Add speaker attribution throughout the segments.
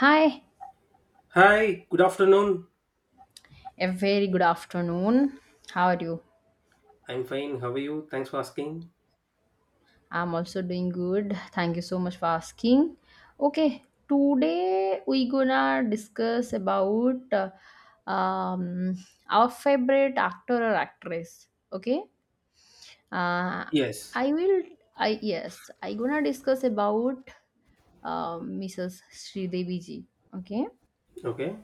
Speaker 1: Hi,
Speaker 2: Hi, good afternoon.
Speaker 1: a very good afternoon. How are you?
Speaker 2: I'm fine. How are you? Thanks for asking.
Speaker 1: I'm also doing good. Thank you so much for asking. Okay, today we gonna discuss about um, our favorite actor or actress. Okay, uh,
Speaker 2: Yes.
Speaker 1: I will. I yes, I gonna discuss about Mrs. Sridevi ji. Okay,
Speaker 2: Okay.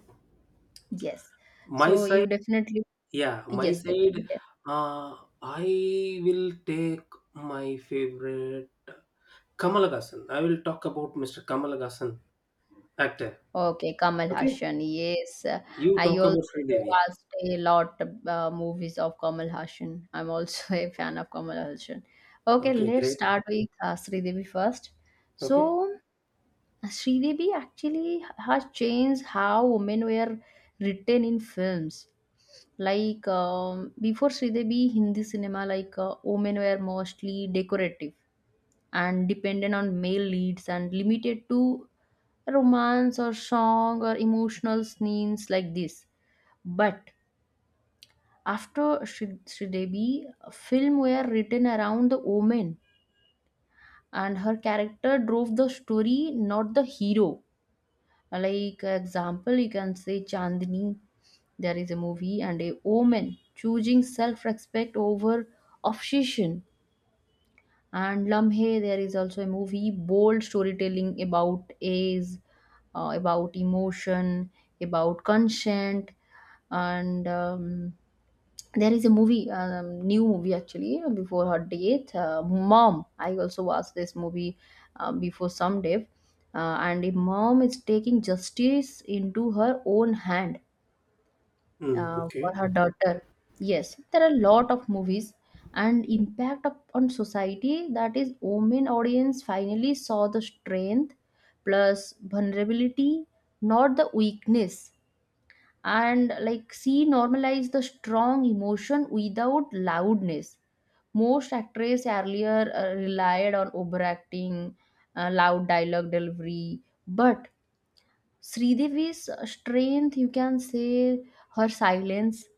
Speaker 1: yes.
Speaker 2: My
Speaker 1: So you
Speaker 2: side,
Speaker 1: definitely.
Speaker 2: yeah.
Speaker 1: Yes, definitely.
Speaker 2: Uh, I will take my favorite Kamal Haasan. I will talk about Mr. Kamal Haasan, actor.
Speaker 1: Okay, Kamal
Speaker 2: Okay.
Speaker 1: Haasan. Yes,
Speaker 2: You
Speaker 1: I
Speaker 2: talk
Speaker 1: also
Speaker 2: about Sridevi.
Speaker 1: watched a lot movies of Kamal Haasan. I'm also a fan of Kamal Haasan. Okay,
Speaker 2: Okay,
Speaker 1: let's
Speaker 2: great.
Speaker 1: start with Sridevi first.
Speaker 2: Okay.
Speaker 1: So, Sridevi actually has changed how women were written in films. Like before Sridevi Hindi cinema, like women were mostly decorative and dependent on male leads and limited to romance or song or emotional scenes like this. But after Sridevi, a film were written around the woman and her character drove the story, not the hero. Like example, you can say Chandni, there is a movie, and a woman choosing self-respect over obsession. And Lamhe, there is also a movie, bold storytelling about age, about emotion, about consent, and there is a movie, new movie actually, before her date, Mom. I also watched this movie before some day, and a mom is taking justice into her own hand
Speaker 2: Mm,
Speaker 1: for
Speaker 2: okay.
Speaker 1: her daughter. Yes, there are a lot of movies, and impact of, on society, that is, women audience finally saw the strength plus vulnerability, not the weakness. And like she normalized the strong emotion without loudness. Most actresses earlier relied on overacting, loud dialogue delivery, but Sridevi's strength, you can say, her silence,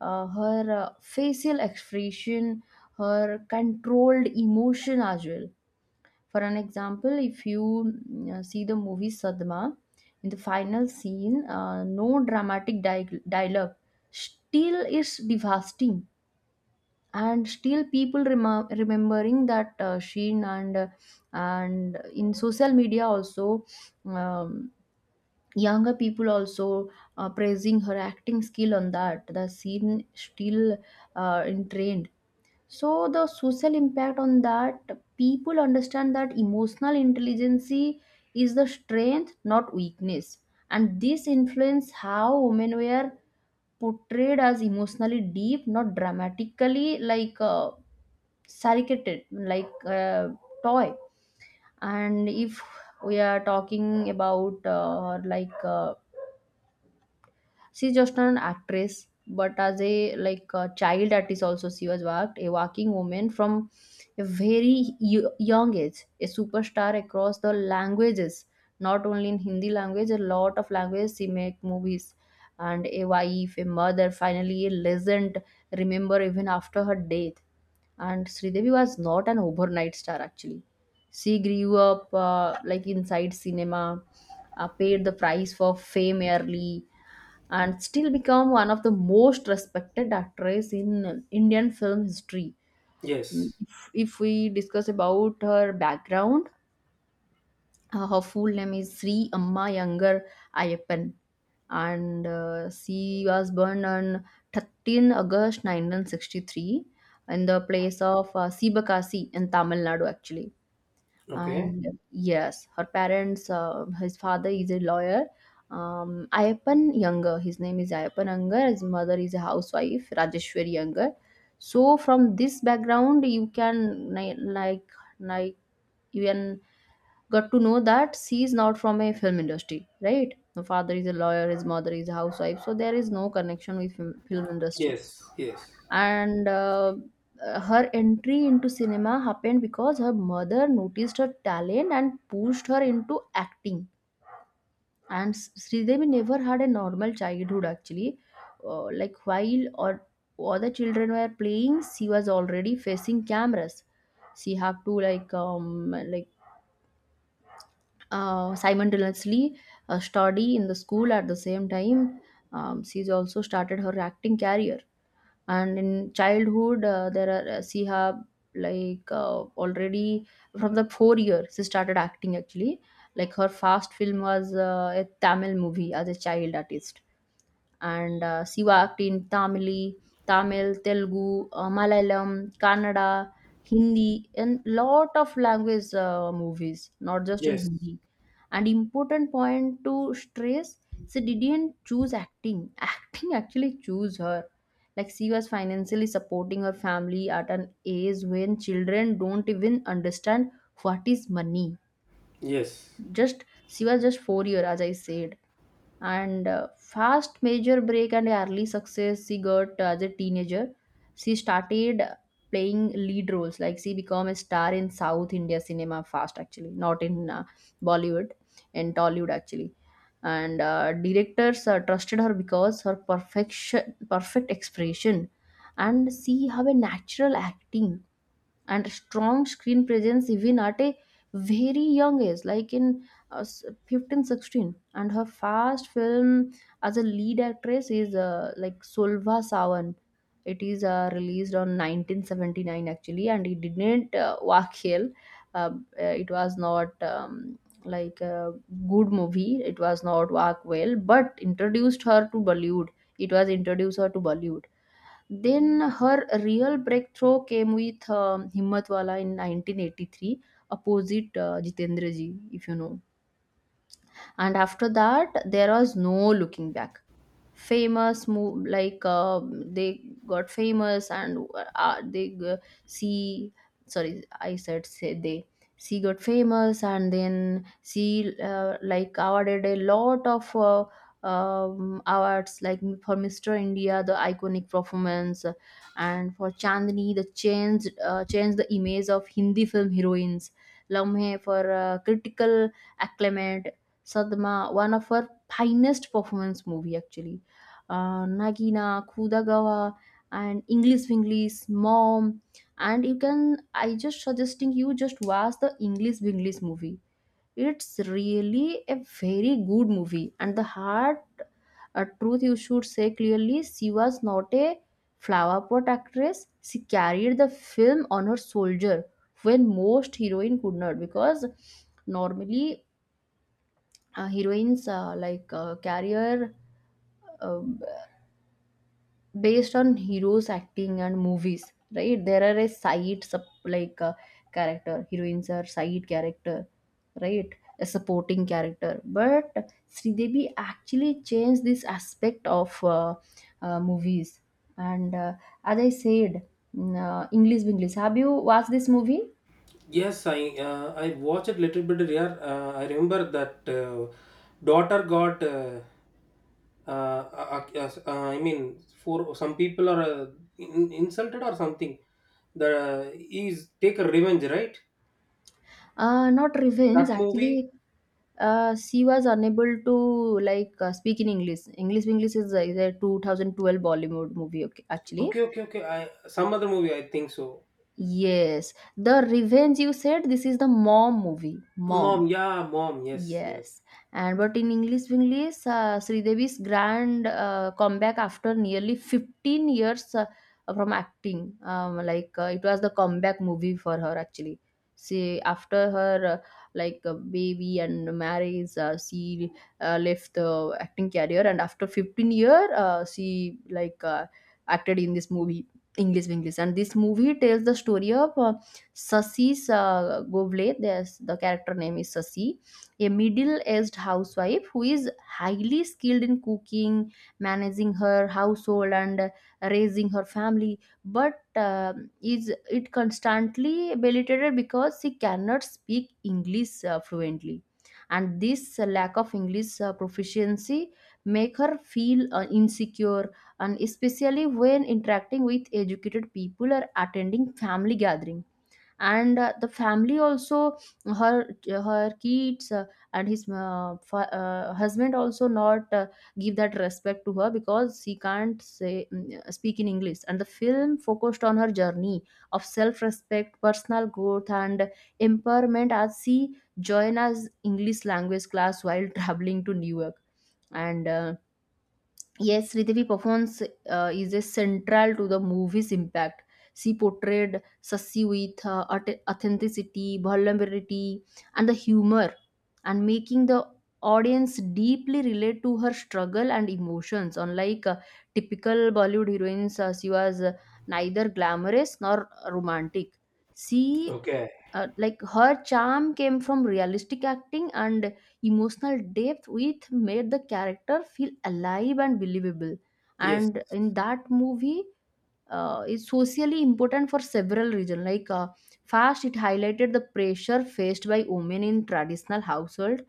Speaker 1: her facial expression, her controlled emotion as well. For an example, if you see the movie Sadma, in the final scene, no dramatic dialogue, still is devastating, and still people remembering that Sheen, and in social media also. Um, Younger people also praising her acting skill on that, the scene still in trend. So the social impact on that, people understand that emotional intelligence is the strength, not weakness, and this influence how women were portrayed as emotionally deep, not dramatically, like sarcated, like toy. And if we are talking about like she's just not an actress, but as a, like a child at also, she was worked, a working woman from a very young age, a superstar across the languages, not only in Hindi language, a lot of languages she make movies, and a wife, a mother, finally a legend, remember, even after her death. And Sridevi was not an overnight star actually. She grew up like inside cinema, paid the price for fame early, and still become one of the most respected actress in Indian film history. Mm,
Speaker 2: Yes.
Speaker 1: If, if we discuss about her background, her full name is Sri Amma Yangar Ayappan, and she was born on 13 August 1963 in the place of Sibakasi in Tamil Nadu, actually.
Speaker 2: Okay.
Speaker 1: And yes, her parents, his father is a lawyer, Ayappan Younger, his name is Ayappan Younger, his mother is a housewife, Rajeshwari Younger. So from this background you can like you can got to know that she is not from a film industry, right. The father is a lawyer, his mother is a housewife, so there is no connection with film industry.
Speaker 2: Yes. Yes.
Speaker 1: And her entry into cinema happened because her mother noticed her talent and pushed her into acting. And Sridevi never had a normal childhood actually, like while or other children were playing, she was already facing cameras. She had to like simultaneously study in the school at the same time. She's also started her acting career. And in childhood, there are, she have, like, already from the 4 year she started acting actually. Like her first film was a Tamil movie as a child artist, and Sivakti in Tamili, Tamil, Telugu, Malayalam, Kannada, Hindi, and lot of language movies, not just in
Speaker 2: Yes.
Speaker 1: Hindi. And important point to stress, she didn't choose acting. Acting actually choose her. Like she was financially supporting her family at an age when children don't even understand what is money.
Speaker 2: Yes.
Speaker 1: Just she was just 4 year, as I said. And fast major break and early success, she got as a teenager. She started playing lead roles, like she became a star in South India cinema fast actually, not in Bollywood and Tollywood actually. And directors trusted her because her perfect expression, and she have a natural acting and strong screen presence even at a very young age, like in 15, 16. And her first film as a lead actress is like Solva Savan. It is released on 1979 actually, and it didn't walk here. Uh, uh, it was not like a good movie, it was not work well, but introduced her to Bollywood. It was introduced her to Bollywood. Then her real breakthrough came with Himmatwala in 1983, opposite Jitendra ji, if you know. And after that, there was no looking back, famous move like they got famous, and they see, sorry, I said say they, she got famous, and then she like awarded a lot of awards, like for Mr. India, the iconic performance, and for Chandni, the changed the image of Hindi film heroines, Lamhe for critical acclaim, Sadma, one of her finest performance movie actually, Nagina, Kudagawa, and English Winglish, Mom. And you can, I just suggesting you just watch the English Winglish movie. It's really a very good movie. And the hard truth you should say clearly, she was not a flower pot actress. She carried the film on her shoulder when most heroine could not, because normally, heroines, like carrier, uh, based on heroes acting and movies, right, there are a side sub, like character, heroines are side character, right, a supporting character, but Sridevi actually changed this aspect of movies. And as I said, English English, have you watched this movie?
Speaker 2: Yes, I watched it little bit here. I remember that daughter got. I mean, for some people are insulted or something. The is take a revenge, right?
Speaker 1: Not revenge
Speaker 2: That movie.
Speaker 1: actually, she was unable to, like, speak in English. English English is a 2012 Bollywood movie, okay, actually.
Speaker 2: Okay, okay, okay. I some other movie. I think so.
Speaker 1: Yes, the revenge you said, this is the Mom movie. Mom.
Speaker 2: Mom, yeah, mom. Yes, yes.
Speaker 1: Yes, and but in English English, Sridevi's grand comeback after nearly 15 years from acting, like it was the comeback movie for her actually. She after her like baby and marriage, she left the acting career, and after 15 year, she like acted in this movie English English, and this movie tells the story of Sasi's Govle. There's the character name is Sasi, a middle-aged housewife who is highly skilled in cooking, managing her household, and raising her family, but is it constantly belittles because she cannot speak English fluently, and this lack of English proficiency make her feel insecure, and especially when interacting with educated people or attending family gatherings. And the family also, her kids, and his husband also not give that respect to her, because she can't say, speak in English, and the film focused on her journey of self respect, personal growth, and empowerment, as she join as English language class while traveling to New York. And yes, Sridevi performance is a central to the movie's impact. She portrayed Sassi with authenticity, vulnerability, and the humor, and making the audience deeply relate to her struggle and emotions. Unlike typical Bollywood heroines, she was neither glamorous nor romantic. She
Speaker 2: Okay.
Speaker 1: like her charm came from realistic acting and emotional depth, which made the character feel alive and believable,
Speaker 2: Yes,
Speaker 1: and in that movie is socially important for several reasons. Like, first, it highlighted the pressure faced by women in traditional household,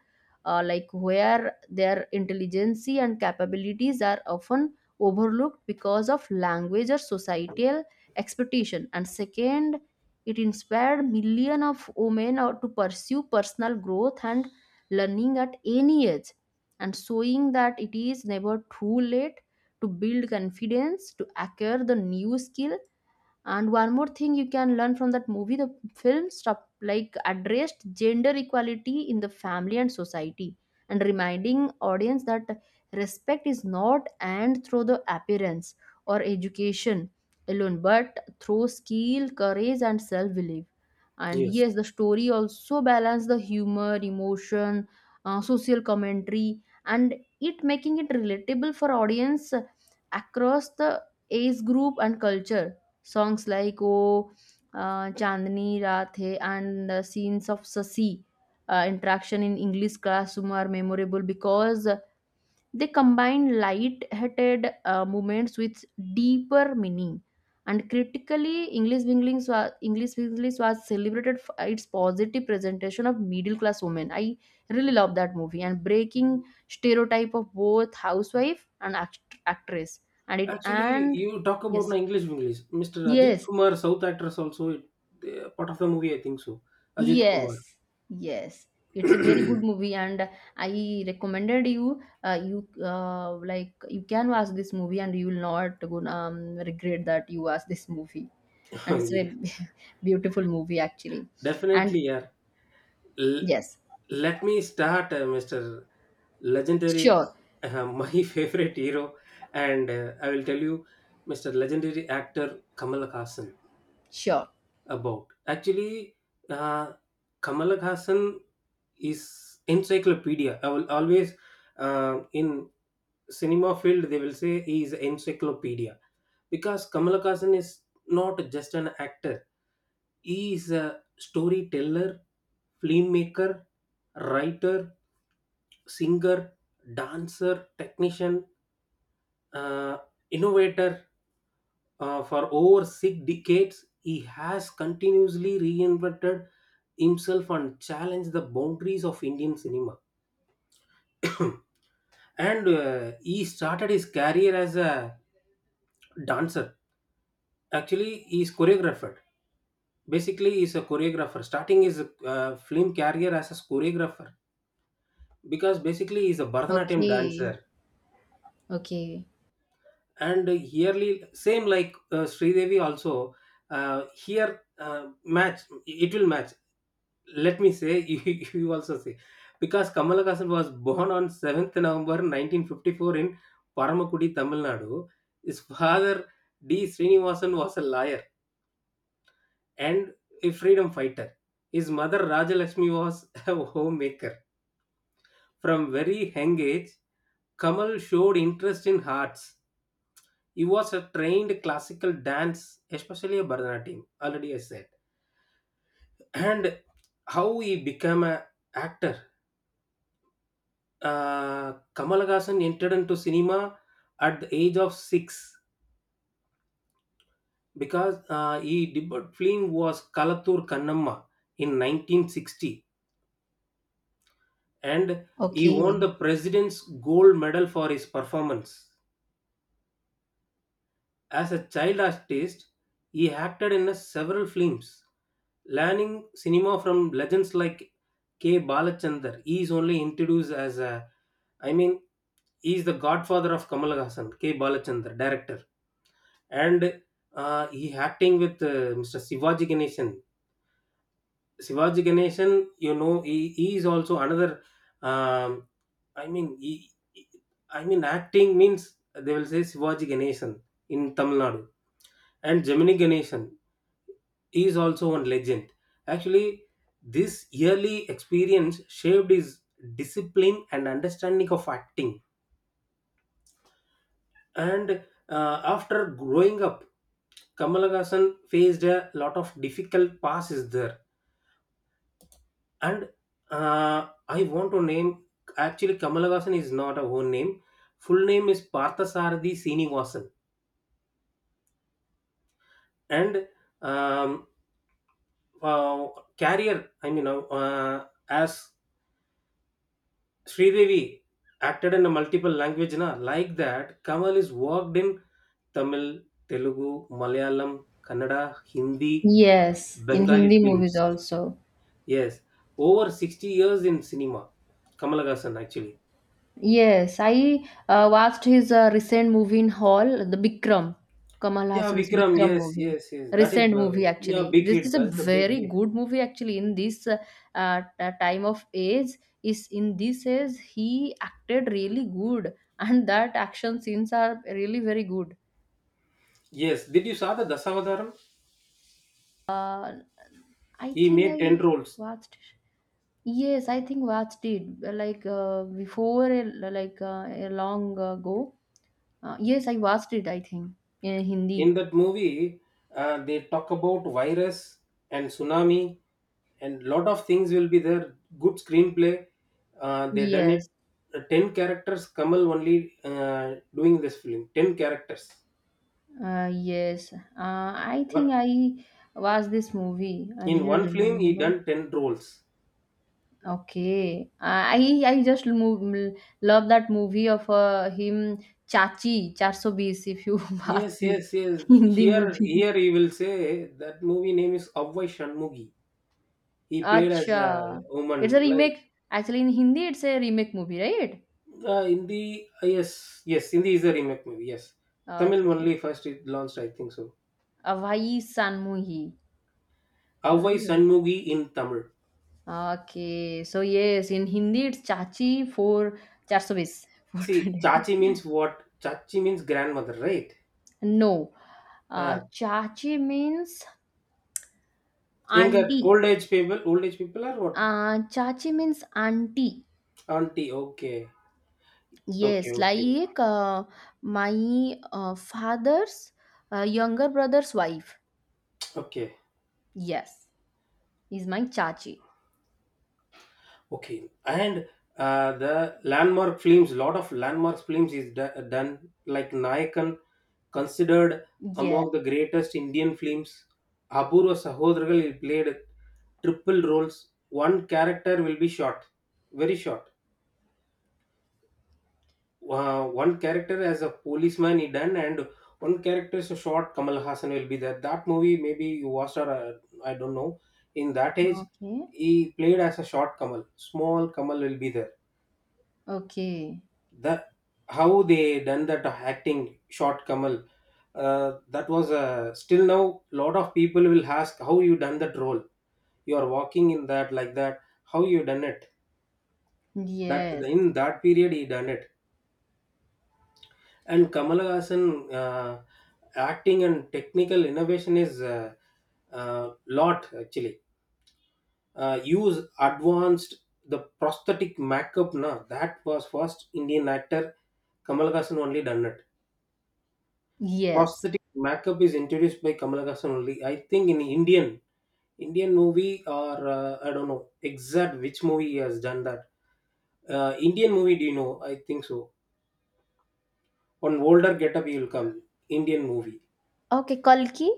Speaker 1: like where their intelligence and capabilities are often overlooked because of language or societal expectation. And second, it inspired millions of women to pursue personal growth and learning at any age, and showing that it is never too late to build confidence to acquire the new skill. And one more thing you can learn from that movie, the film stuff like addressed gender equality in the family and society, and reminding audience that respect is not earned through the appearance or education alone, but through skill, courage, and self-belief. And yes,
Speaker 2: yes.
Speaker 1: the story also balance the humor, emotion, social commentary, and it making it relatable for audience across the age group and culture. Songs like "O Chandni Raat Hai" and the scenes of Sasi interaction in English classroom are memorable because they combine light-hearted moments with deeper meaning. And critically, English Winglings was celebrated for its positive presentation of middle-class women. I really love that movie and breaking stereotype of both housewife and actress. And it
Speaker 2: Actually,
Speaker 1: and
Speaker 2: you talk about
Speaker 1: yes,
Speaker 2: na English English. Mr. Ajit
Speaker 1: yes,
Speaker 2: Kumar, South actress also. It, part of the movie, I think so. Ajit Kumar.
Speaker 1: yes, yes. It's a very good movie, and I recommended you. You like you can watch this movie, and you will not gonna regret that you watch this movie. And it's
Speaker 2: Yeah.
Speaker 1: a beautiful movie actually. And
Speaker 2: Definitely, yeah. L-
Speaker 1: yes,
Speaker 2: let me start, Mr. Legendary,
Speaker 1: sure,
Speaker 2: my favorite hero, and I will tell you, Mr. Legendary actor Kamal Hassan
Speaker 1: sure.
Speaker 2: about. Actually, uh, Kamal Hassan is encyclopedia. I will always, in cinema field they will say he is encyclopedia, because Kamala Haasan is not just an actor; he is a storyteller, filmmaker, writer, singer, dancer, technician, uh, innovator. For over 6 decades, he has continuously reinvented himself and challenged the boundaries of Indian cinema. And he started his career as a dancer. Actually, he's choreographer. Basically, he's a choreographer. Starting his film career as a choreographer because basically he's a Bharatanatyam
Speaker 1: Okay,
Speaker 2: dancer.
Speaker 1: okay,
Speaker 2: And yearly, same like Sridevi also, here match it will match. Let me say you also say because Kamal Haasan was born on seventh November 1954 in Paramakudi, Tamil Nadu. His father D. Srinivasan was a lawyer and a freedom fighter. His mother Rajalakshmi was a homemaker. From very young age, Kamal showed interest in arts. He was a trained classical dance, especially a Bharatanatyam, already I said. And how he became an actor. Kamal Haasan entered into cinema at the age of 6 because he debut film was Kalathur Kannamma in 1960, and he won
Speaker 1: okay.
Speaker 2: the president's gold medal for his performance. As a child artist, he acted in several films, learning cinema from legends like K. Balachandar. He is only introduced as a, I mean, he is the godfather of Kamal Hassan, K. Balachandar, director. And he acting with Mr. Sivaji Ganesan. Sivaji Ganesan, you know, he is also another um, I mean, I mean, acting means they will say Shivaji Ganesan in Tamil Nadu and Gemini Ganesan. He is also one legend. Actually, this yearly experience shaped his discipline and understanding of acting. And after growing up, Kamalagasan faced a lot of difficult passes there. And I want to name, actually Kamalagasan is not a own name. Full name is Parthasarathi Srinivasan. And um, uh, career, I mean, as Sridevi acted in a multiple language na, like that Kamal is worked in Tamil, Telugu, Malayalam, Kannada, Hindi,
Speaker 1: Yes, in
Speaker 2: Bengali
Speaker 1: Hindi
Speaker 2: films.
Speaker 1: movies also.
Speaker 2: Yes, over 60 years in cinema Kamal Haasan actually.
Speaker 1: Yes, I watched his recent movie in hall, the Bikram, Kamal
Speaker 2: Yeah,
Speaker 1: Hassan's
Speaker 2: Vikram.
Speaker 1: Bikram
Speaker 2: Yes,
Speaker 1: movie.
Speaker 2: yes, yes, that is
Speaker 1: Recent
Speaker 2: the,
Speaker 1: movie
Speaker 2: yeah.
Speaker 1: actually.
Speaker 2: Big
Speaker 1: This
Speaker 2: hit,
Speaker 1: is a
Speaker 2: that's a big
Speaker 1: very
Speaker 2: hit.
Speaker 1: good movie actually. In this time of age, is in this age he acted really good, and that action scenes are really very good.
Speaker 2: Yes, did you saw the Dasavadaram?
Speaker 1: Uh, I
Speaker 2: He
Speaker 1: think
Speaker 2: made
Speaker 1: I
Speaker 2: 10 roles
Speaker 1: watched. Yes, I think watched it like before, like a long ago. Yes, I watched it. I think in Hindi.
Speaker 2: in that movie. They talk about virus and tsunami and lot of things will be there, good screenplay, they done
Speaker 1: Yes,
Speaker 2: it. 10 characters Kamal only doing this film. 10 characters,
Speaker 1: yes. I think
Speaker 2: but
Speaker 1: I watched this movie. I
Speaker 2: in
Speaker 1: didn't
Speaker 2: one film he
Speaker 1: remember.
Speaker 2: done 10 roles.
Speaker 1: Okay. I just move, love that movie of him Chachi 420. If you watch
Speaker 2: Yes,
Speaker 1: this
Speaker 2: yes, yes.
Speaker 1: Hindi
Speaker 2: here
Speaker 1: movie,
Speaker 2: here he will say, that movie name is Avvai Shanmugi. He played as a
Speaker 1: acha, it's a
Speaker 2: woman, like.
Speaker 1: remake. Actually, in Hindi, it's a remake movie, right?
Speaker 2: Hindi, yes, yes, Hindi is the remake movie. Yes, Tamil
Speaker 1: Okay,
Speaker 2: only first it launched, I think so.
Speaker 1: Avai Sanmuhi,
Speaker 2: Avvai
Speaker 1: right?
Speaker 2: Sanmugi in Tamil.
Speaker 1: Okay, so yes, in Hindi, it's Chachi for
Speaker 2: See,
Speaker 1: 420.
Speaker 2: Chachi means what? Chachi means grandmother, right?
Speaker 1: No.
Speaker 2: Uh,
Speaker 1: Chachi means
Speaker 2: Younger,
Speaker 1: auntie.
Speaker 2: old age people are what?
Speaker 1: Chachi means auntie.
Speaker 2: Auntie. Okay, okay,
Speaker 1: Yes,
Speaker 2: okay,
Speaker 1: like my father's younger brother's wife.
Speaker 2: okay,
Speaker 1: Yes, is my chachi.
Speaker 2: okay. And the landmark films, lot of landmark films is done, like Nayakan. Considered
Speaker 1: Yeah.
Speaker 2: among the greatest Indian films, Abur Sahodragal played triple roles. One character will be short, very short. One character as a policeman he done, and one character is a short Kamal Hassan will be there. That movie maybe you watched, or I don't know. In that age,
Speaker 1: Okay.
Speaker 2: he played as a short Kamal. Small Kamal will be there,
Speaker 1: Okay.
Speaker 2: that how they done that acting, shot Kamal. That was, still now lot of people will ask, how you done that role? You are walking in that like that. How you done it? That
Speaker 1: Yes.
Speaker 2: in that period he done it. And Kamal Hassan, acting and technical innovation is, lot actually. Use advanced the prosthetic makeup na, that was first Indian actor, Kamal Hassan only done it.
Speaker 1: Yes.
Speaker 2: Prosthetic makeup is introduced by Kamal Haasan only. I think in Indian movie, or I don't know exact which movie he has done that. Indian movie, do you know? I think so. On older getup, he will come. Indian movie,
Speaker 1: Okay, Kalki.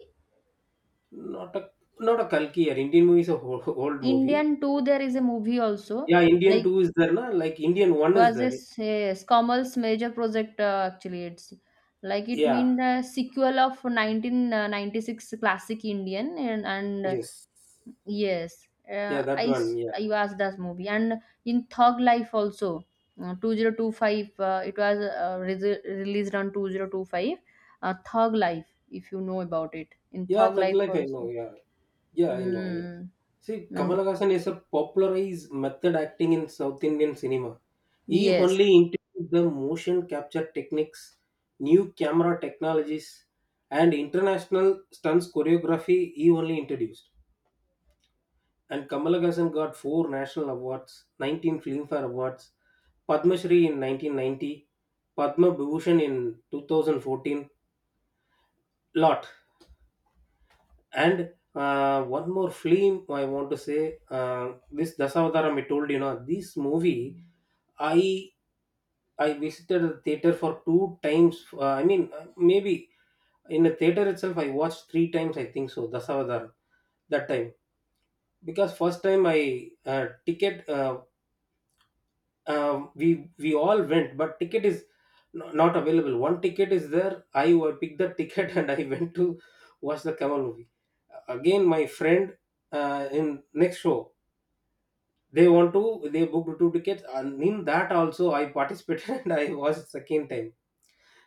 Speaker 2: not a not a Kalki, or Indian movie is a whole, old movie.
Speaker 1: Indian too. There is a movie also.
Speaker 2: Yeah, Indian
Speaker 1: Like
Speaker 2: two is there, na? Like Indian one is
Speaker 1: was
Speaker 2: there.
Speaker 1: this yes, Common's major project actually it's like it
Speaker 2: Yeah.
Speaker 1: mean the sequel of 1996 classic Indian and
Speaker 2: Yes.
Speaker 1: yes,
Speaker 2: Yeah, that one. Yeah.
Speaker 1: I was that movie and in Thug Life also 2025, it was released on 2025, Thug Life, if you know about it, in
Speaker 2: Yeah,
Speaker 1: Thug
Speaker 2: Thug
Speaker 1: Life
Speaker 2: Life, I know.
Speaker 1: also.
Speaker 2: Yeah. Yeah, I know. I know.
Speaker 1: Mm.
Speaker 2: See, Kamal
Speaker 1: And
Speaker 2: Haasan is a popularized method acting in South Indian cinema. He
Speaker 1: yes,
Speaker 2: only integrated the motion capture techniques, new camera technologies, and international stunts choreography he only introduced. And Kamal Haasan got four national awards, 19 Filmfare Awards, Padma Shri in 1990, Padma Bhushan in 2014, lot. And one more film I want to say, this Dasavadaram I told you know, this movie I I visited the theater for two times. I mean, maybe in the theater itself, I watched three times. I think so. Dasavadar that time, because first time I ticket we all went, but ticket is not available. One ticket is there. I picked the ticket and I went to watch the Kamal movie. Again, my friend, in next show, they want to they booked two tickets, and in that also I participated and I watched second time.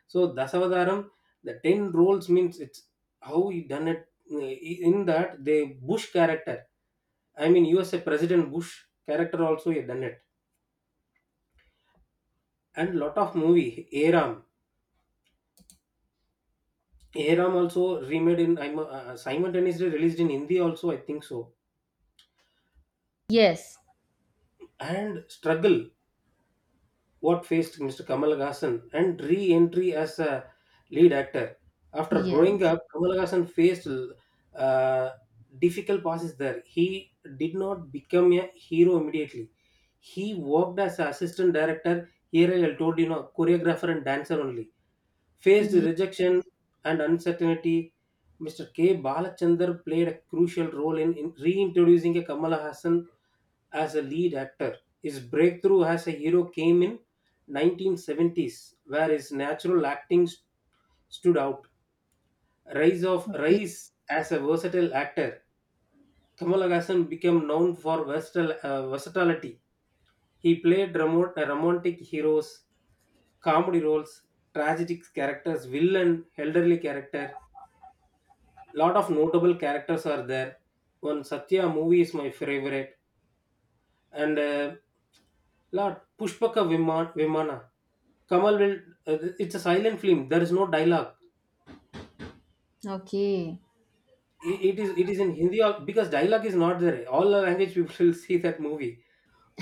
Speaker 2: So Dasavadaram, the 10 roles means it's how he done it. In that they Bush character, I mean USA President Bush character also he done it, and lot of movie Aram. Aram also remade — simultaneously released in Hindi also, I think so.
Speaker 1: yes,
Speaker 2: And struggle what faced Mr. Kamal Hassan and re-entry as a lead actor. After growing
Speaker 1: yes,
Speaker 2: up, Kamal Hassan faced, uh, difficult passes there. He did not become a hero immediately. He worked as an assistant director, here I told you know, choreographer and dancer only. Faced
Speaker 1: yeah.
Speaker 2: rejection and uncertainty. Mr. K. Balachandar played a crucial role in reintroducing a Kamala Hassan as a lead actor. His breakthrough as a hero came in 1970s, where his natural acting stood out. Rise of
Speaker 1: Okay,
Speaker 2: Rise as a versatile actor, Kamal Haasan became known for versatility. He played romantic heroes, comedy roles, tragic characters, villain, elderly character. Lot of notable characters are there. One Satya movie is my favorite, and lot Pushpaka Vimana Kamal will. It's a silent film. There is no dialogue.
Speaker 1: okay.
Speaker 2: It is in Hindi, because dialogue is not there. All the language people will see that movie.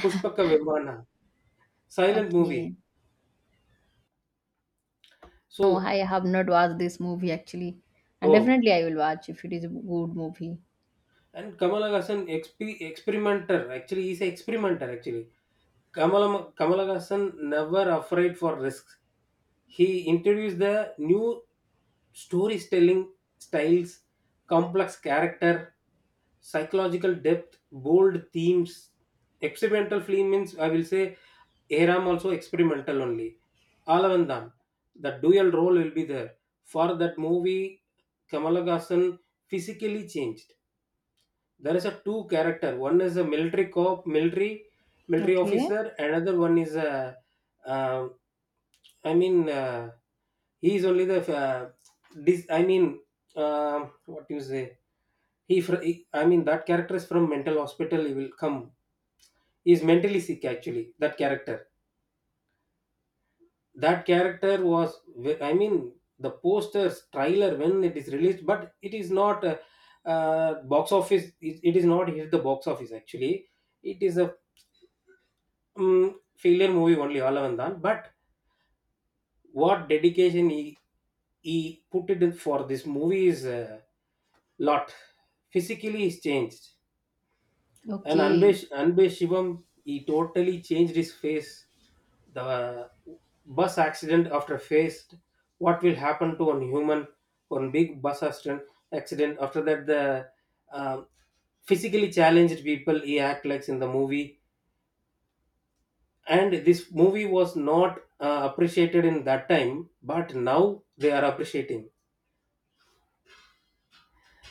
Speaker 2: Pushpaka Vimana, silent
Speaker 1: Okay.
Speaker 2: movie.
Speaker 1: No,
Speaker 2: So,
Speaker 1: I have not watched this movie actually. And
Speaker 2: oh,
Speaker 1: definitely I will watch if it is a good movie.
Speaker 2: and Kamal Haasan experimenter. Actually, he's an experimenter. Actually, Kamal Kamal Haasan never afraid for risks. He introduced the new storytelling styles, complex character, psychological depth, bold themes. Experimental film means I will say Aram also experimental only. Alavandam, the dual role will be there. For that movie, Kamala Hassan physically changed. There is a two character. One is a military cop, military
Speaker 1: Okay.
Speaker 2: officer. Another one is a, uh, I mean, he is only the dis. I mean, what you say? I mean, that character is from mental hospital. He will come. He is mentally sick actually. That character. That character was, I mean, the posters trailer when it is released, but it is not, box office. It is not hit the box office actually. It is a failure movie only. Alavandan. But what dedication he put it in for this movie is a lot. Physically, he's changed. And Anbe,
Speaker 1: Okay.
Speaker 2: Anbe Shivam, he totally changed his face. The bus accident after faced, what will happen to one human? One big bus accident. After that, the um physically challenged people he act like in the movie. And this movie was not, appreciated in that time, but now they are appreciating.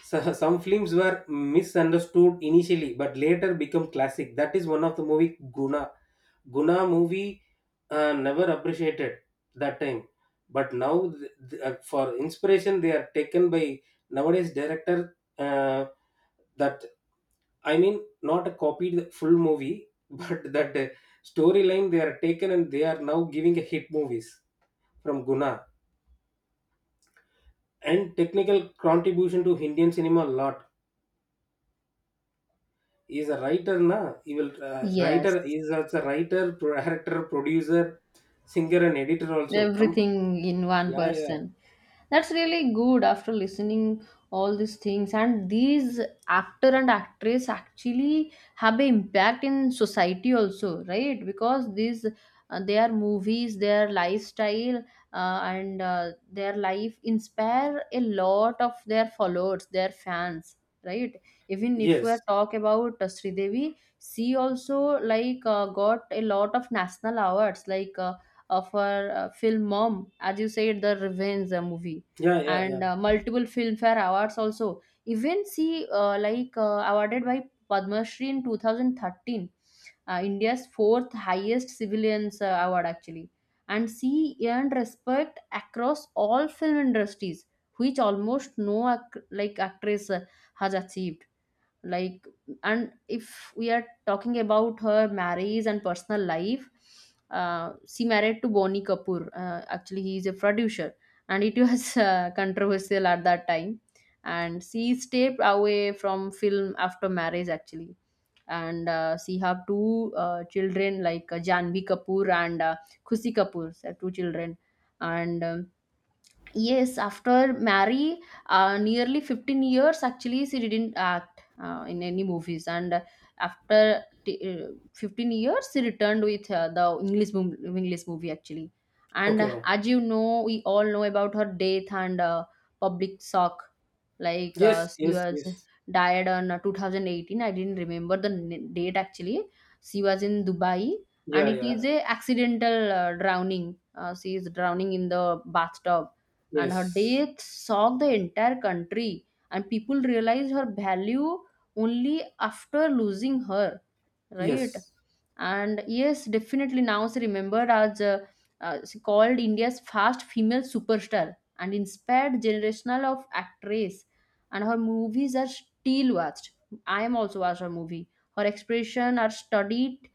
Speaker 2: So, some films were misunderstood initially but later become classic. That is one of the movie Guna. Guna movie, never appreciated that time, but now, for inspiration they are taken by nowadays director. That, I mean, not a copied full movie, but that, storyline they are taken and they are now giving a hit movies from Guna. And technical contribution to Indian cinema, a lot. He's a writer na,
Speaker 1: Yes.
Speaker 2: he's also a writer, director, producer, singer, and editor also come.
Speaker 1: Everything in one
Speaker 2: Yeah, yeah.
Speaker 1: person. That's really good. After listening all these things, and these actor and actress actually have an impact in society also, right? Because these their movies, their lifestyle, and their life inspire a lot of their followers, their fans, right? Even if we
Speaker 2: Yes,
Speaker 1: are talk about Sridevi, she also like got a lot of national awards, like of her film Mom, as you said, the Revenge movie,
Speaker 2: yeah, yeah, yeah.
Speaker 1: and multiple Filmfare awards also. Even she awarded by Padma Shri in 2013, India's fourth highest civilians award actually, and she earned respect across all film industries, which almost no actress has achieved. Like, and if we are talking about her marriage and personal life, she married to Boni Kapoor, actually he is a producer, and it was controversial at that time, and she stayed away from film after marriage actually. And she have two children, like Janvi Kapoor and Khushi Kapoor. They have two children. And Yes, after Mary, nearly 15 years actually she didn't act in any movies, and After 15 years she returned with the English movie actually. And
Speaker 2: Okay,
Speaker 1: as you know, we all know about her death, and public shock. Like
Speaker 2: yes,
Speaker 1: she
Speaker 2: yes,
Speaker 1: was
Speaker 2: yes,
Speaker 1: died on 2018. I didn't remember the date actually. She was in Dubai, and
Speaker 2: yeah,
Speaker 1: it is
Speaker 2: yeah,
Speaker 1: a accidental drowning. She is drowning in the bathtub, and her
Speaker 2: yes,
Speaker 1: death shocked the entire country, and people realized her value only after losing her, right?
Speaker 2: yes,
Speaker 1: And yes, definitely now she remembered as she called India's first female superstar and inspired generational of actress, and her movies are still watched. I am also watched her movie. Her expression are studied,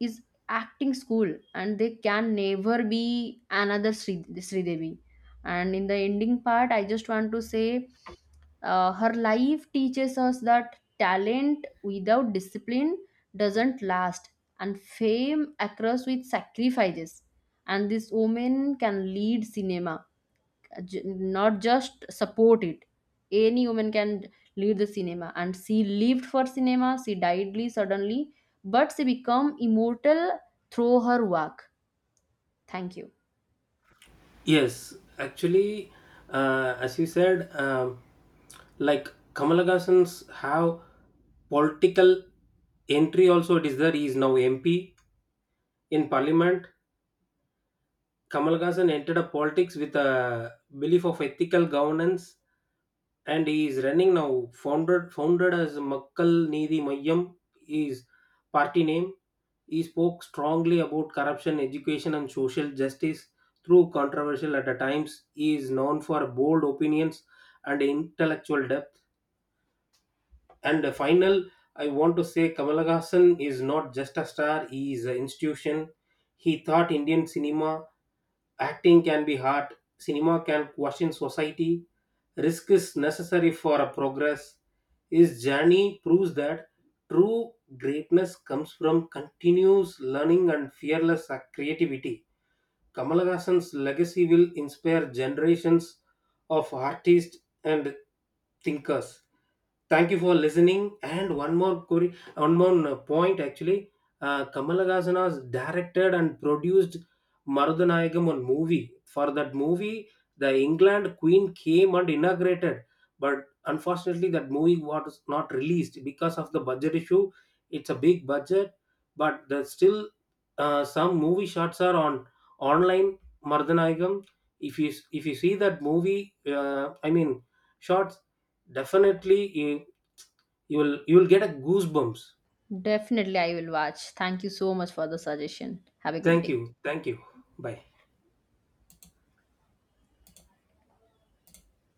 Speaker 1: is acting school, and they can never be another Sridevi. And in the ending part, I just want to say her life teaches us that talent without discipline doesn't last, and fame occurs with sacrifices. And this woman can lead cinema, not just support it. Any woman can lead the cinema, and she lived for cinema. She died suddenly, but she become immortal through her work. Thank you.
Speaker 2: yes. Actually, as you said, like Kamala Hassan's have political entry also, it is there, he is now MP in parliament. Kamal Haasan entered a politics with a belief of ethical governance, and he is running now. Founded as Makkal Nidhi Mayam is party name. He spoke strongly about corruption, education, and social justice through controversial at the times. He is known for bold opinions and intellectual depth. And the final, I want to say Kamal Haasan is not just a star, he is an institution. He taught Indian cinema, acting can be hard, cinema can question society, risk is necessary for a progress. His journey proves that true greatness comes from continuous learning and fearless, creativity. Kamalahassan's legacy will inspire generations of artists and thinkers. Thank you for listening. And one more query, one more, point actually. Kamalahassan has directed and produced Marudhanayagam, one movie. For that movie, the England Queen came and inaugurated, but unfortunately, that movie was not released because of the budget issue. It's a big budget, but there's still, some movie shots are on online, Mardhanagam. If you see that movie, I mean, shots, definitely you will get a goosebumps.
Speaker 1: Definitely I will watch. Thank you so much for the suggestion. Have a good
Speaker 2: Thank
Speaker 1: day.
Speaker 2: you, thank you. Bye.